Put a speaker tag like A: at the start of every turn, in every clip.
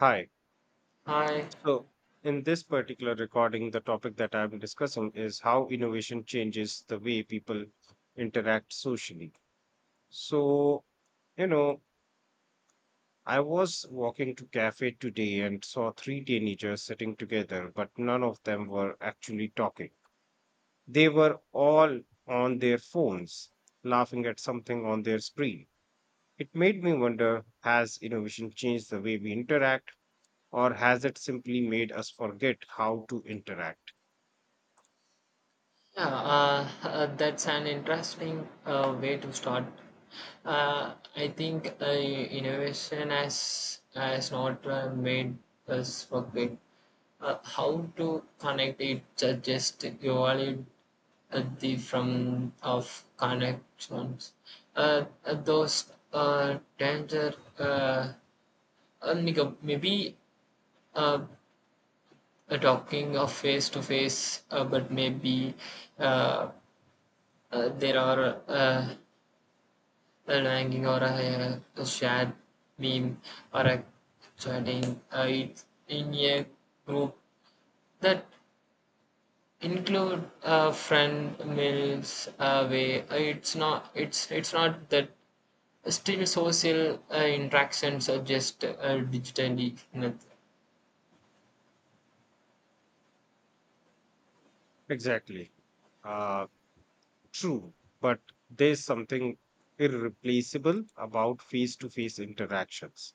A: Hi.
B: Hi.
A: So, in this particular recording, the topic that I'm discussing is how innovation changes the way people interact socially. So, you know, I was walking to cafe today and saw three teenagers sitting together, but none of them were actually talking. They were all on their phones, laughing at something on their screen. It made me wonder, has innovation changed the way we interact, or has it simply made us forget how to interact?
B: Yeah, that's an interesting way to start. I think innovation has not made us forget how to connect it. Just evaluate the from of connections. Those danger. Nico, maybe uh, talking of face to face, but maybe. Uh, there are an hanging or a shared meme or a chatting it, in a group that include friend meals away. It's not it's not that still social interactions are just digitally. Not-
A: Exactly. Uh, True, but there's something irreplaceable about face to face interactions,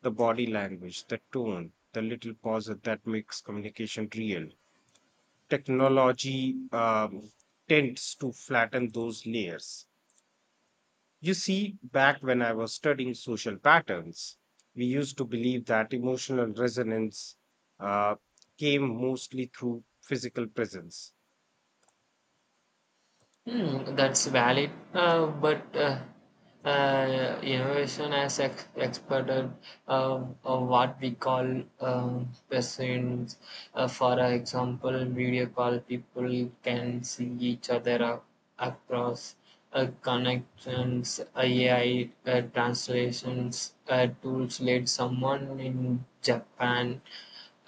A: the body language, the tone, the little pauses that makes communication real. Technology tends to flatten those layers. You see, back when I was studying social patterns, we used to believe that emotional resonance uh, came mostly through physical presence.
B: Hmm, that's valid, but innovation as experted what we call persons. For example, video call people can see each other across connections, AI translations tools. Let someone in Japan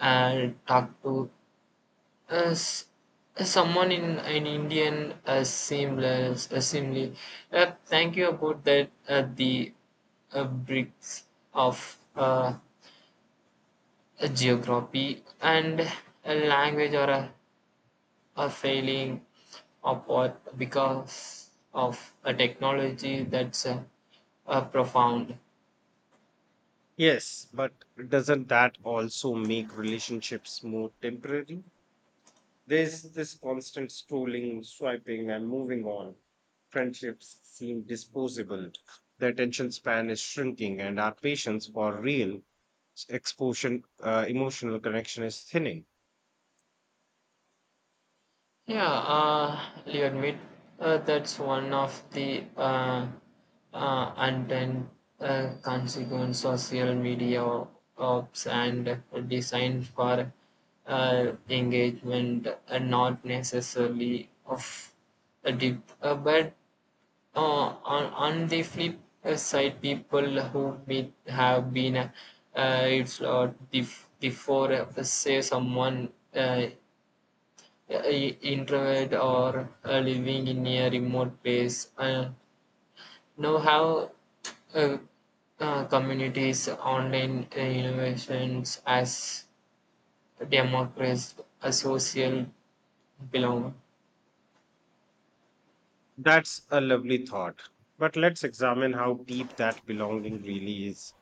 B: talk to as someone in an Indian seamless assembly, thank you about that. The bricks of a geography and a language or a failing apart because of a technology that's profound.
A: Yes, but doesn't that also make relationships more temporary? There's this constant scrolling, swiping, and moving on. Friendships seem disposable. The attention span is shrinking, and our patience for real exposure, emotional connection is thinning.
B: Yeah, Leonid, that's one of the unintended consequence of social media ops and designed for engagement, not necessarily of a deep. But on the flip side, people who meet have been it's bef- before say someone. I- introvert or living in a remote place. Now how uh, communities, online innovations as democracy, a social belong.
A: That's a lovely thought. But let's examine how deep that belonging really is.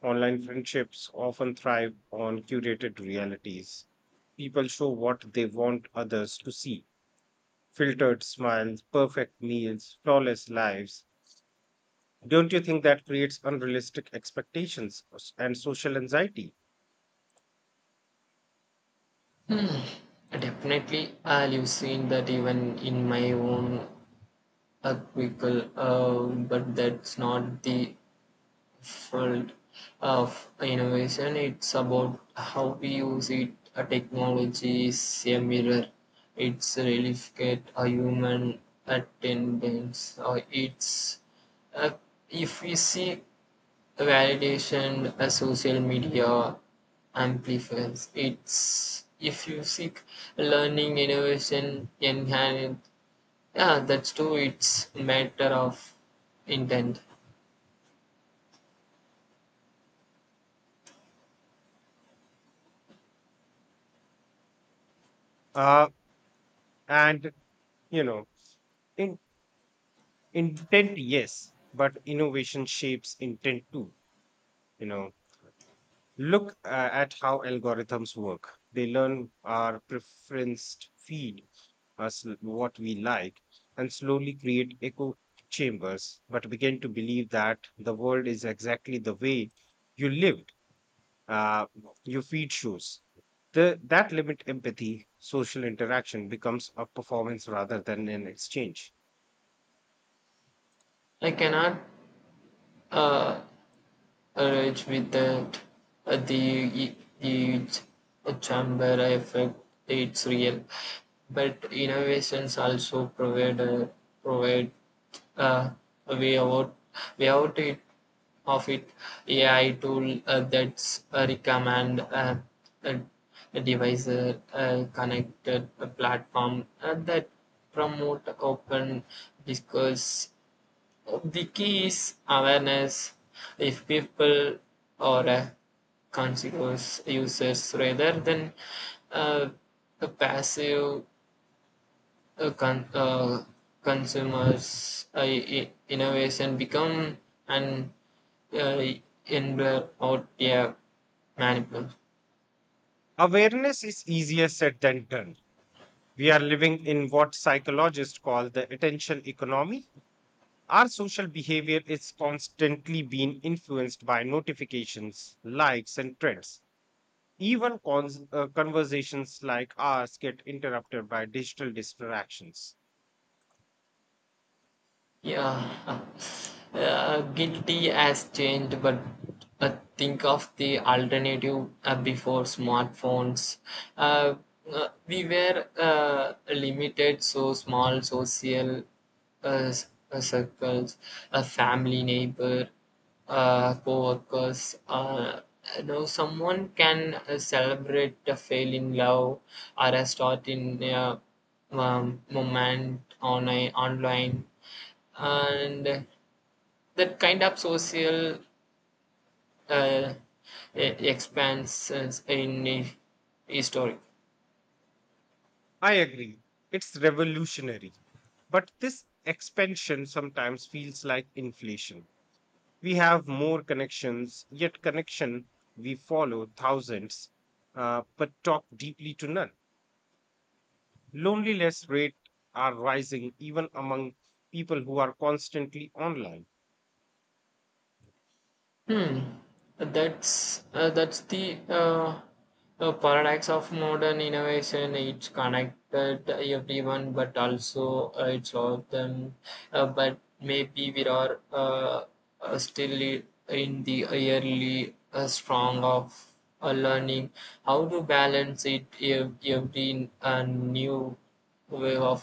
A: Online friendships often thrive on curated realities. People show what they want others to see, filtered smiles, perfect meals, flawless lives. Don't you think that creates unrealistic expectations and social anxiety?
B: Definitely, you've seen that even in my own quickle, but that's not the field of innovation. It's about how we use it. A technology is a mirror. It's replicate a human attendance. Or it's uh, if we see validation, a social media amplifies. It's if you seek learning, innovation, enhance. Yeah, that's true. It's matter of intent.
A: Uh, and, you know, in, Intent, yes, but innovation shapes intent too. You know, Look at how algorithms work. They learn our preferenced feed, us what we like, and slowly create echo chambers, but begin to believe that the world is exactly the way you lived, uh, your feed shows. That limit empathy, social interaction becomes a performance rather than an exchange.
B: I cannot uh, arrived without the the chamber effect, it's real. But innovations also provide provide uh, a way out way out it, of it. AI tool that's a recommend a, a device connected a platform that promote open discourse the key is awareness. If people are conscious users rather than uh, the passive uh, con- uh, consumers, innovation become an uh, enabler or a maniple.
A: Awareness is easier said than done. We are living in what psychologists call the attention economy. Our social behavior is constantly being influenced by notifications, likes, and trends. Even conversations like ours get interrupted by digital distractions.
B: Yeah, guilty has changed, but think of the alternative before smartphones. Uh, we were limited, so small social circles, a family, neighbor, co-workers. You someone can celebrate a fail in love or a start in a moment on online and that kind of social uh, expansions in history.
A: I agree, it's revolutionary. But this expansion sometimes feels like inflation. We have more connections, yet connection, we follow thousands, but talk deeply to none. Loneliness rates are rising even among people who are constantly online.
B: Hmm. That's the paradox of modern innovation. It's connected everyone, but also it's all of them. But maybe we are still in the early strong of learning how to balance it every new wave of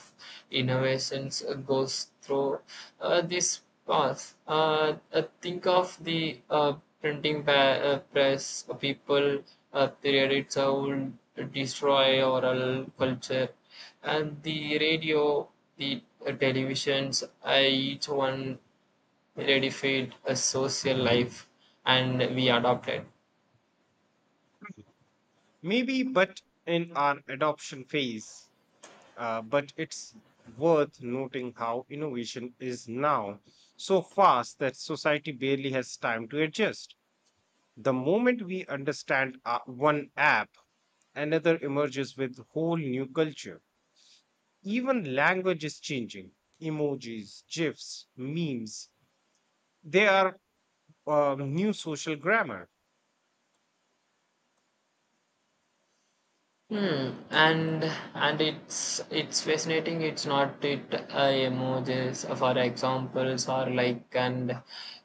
B: innovations goes through this path. Think of the printing press, people, period, it's would destroy oral culture, and the radio, the televisions, each one redefined a social life, and we adopted.
A: Maybe, but in our adoption phase, but it's worth noting how innovation is now so fast that society barely has time to adjust. The moment we understand one app, another emerges with whole new culture. Even language is changing. Emojis, GIFs, memes, they are new social grammar.
B: Hmm. And it's fascinating. It's not it emojis, for examples, or like and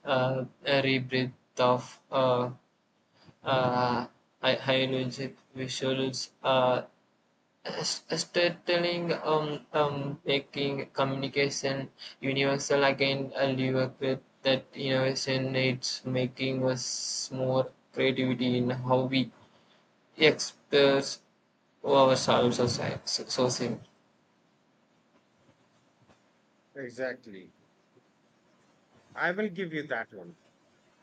B: a rebreath of uh, high-energy visuals. Storytelling, making communication universal again. I live with that innovation. It's making us more creativity in how we express ourselves as sourcing.
A: Exactly. I will give you that one.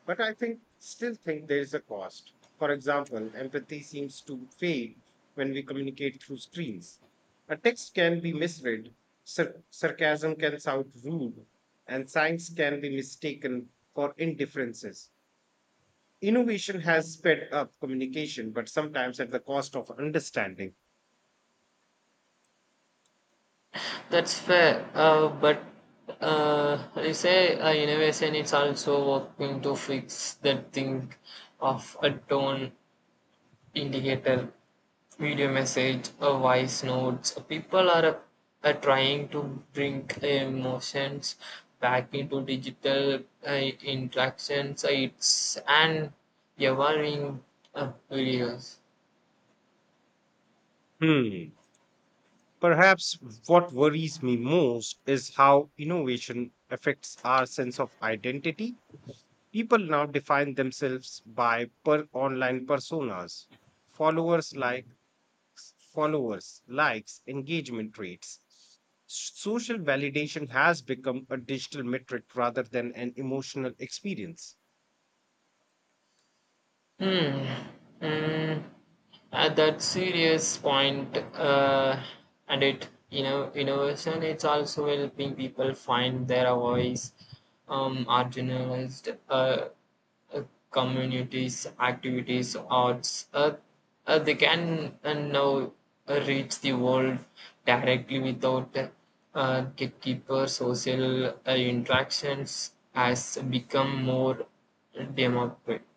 A: But I think still think there is a cost. For example, empathy seems to fade when we communicate through screens. A text can be misread, sarcasm can sound rude, and signs can be mistaken for indifferences. Innovation has sped up communication, but sometimes at the cost of understanding.
B: That's fair, but I say innovation is also working to fix that thing of a tone indicator, video message, a voice notes. People are trying to bring emotions back into digital interactions. It's an evolving videos.
A: Hmm. Perhaps what worries me most is how innovation affects our sense of identity. People now define themselves by per online personas, followers like followers, likes, engagement rates. Social validation has become a digital metric rather than an emotional experience.
B: Hmm. Mm. At that serious point, and it you know innovation. It's also helping people find their voice, marginalized uh, communities, activities, arts. They can now reach the world directly without gatekeeper social interactions has become more democratic.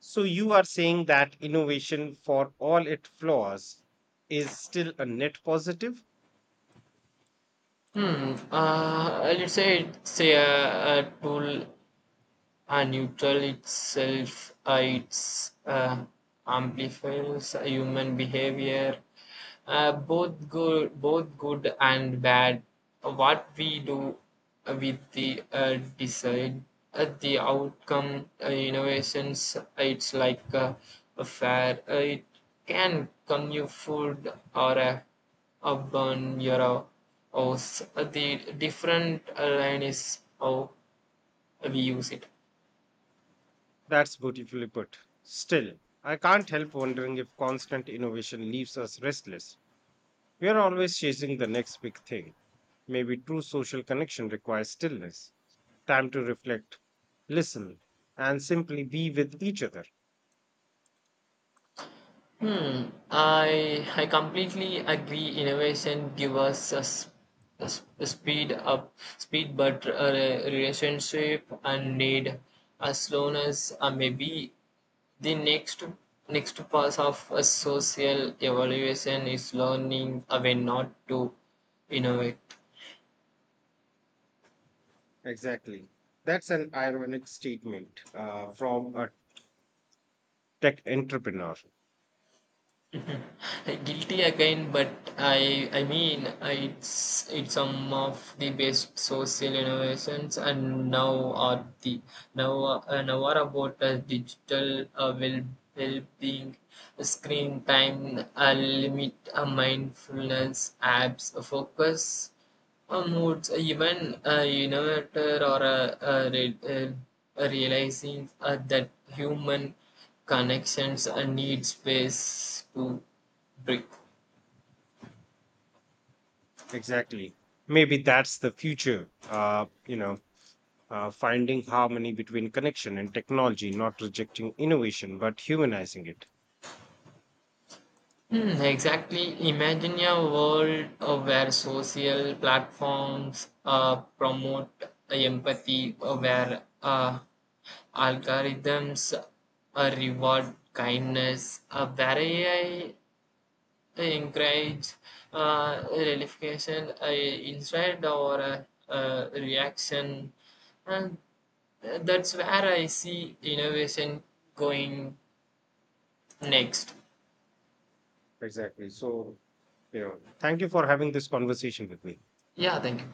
A: So you are saying that innovation, for all its flaws, is still a net positive?
B: Hmm. I'd say it's a tool a neutral itself it's amplifies human behavior both good and bad what we do with the decide the outcome innovations it's like a fair it can come you food or a burn your house. The different line is how we use it.
A: That's beautifully put. Still, I can't help wondering if constant innovation leaves us restless. We are always chasing the next big thing. Maybe true social connection requires stillness, time to reflect, listen, and simply be with each other.
B: Hmm. I completely agree. Innovation give us a speed up, speed, but a relationship and need a slowness. Or maybe the next next part of a social evaluation is learning when not to innovate.
A: Exactly. That's an ironic statement from a tech entrepreneur.
B: Guilty again, but I mean it's some of the best social innovations and now are the now are about digital well-being, screen time, limit, mindfulness apps, focus moods, even innovator or realizing that human connections need space too. Brick.
A: Exactly. Maybe that's the future. Finding harmony between connection and technology, not rejecting innovation but humanizing it.
B: Mm, exactly. Imagine a world where social platforms promote empathy, where algorithms reward kindness, where AI encourage relaxation instead or reaction. And that's where I see innovation going next.
A: Exactly. So, you know, thank you for having this conversation with me.
B: Yeah, thank you.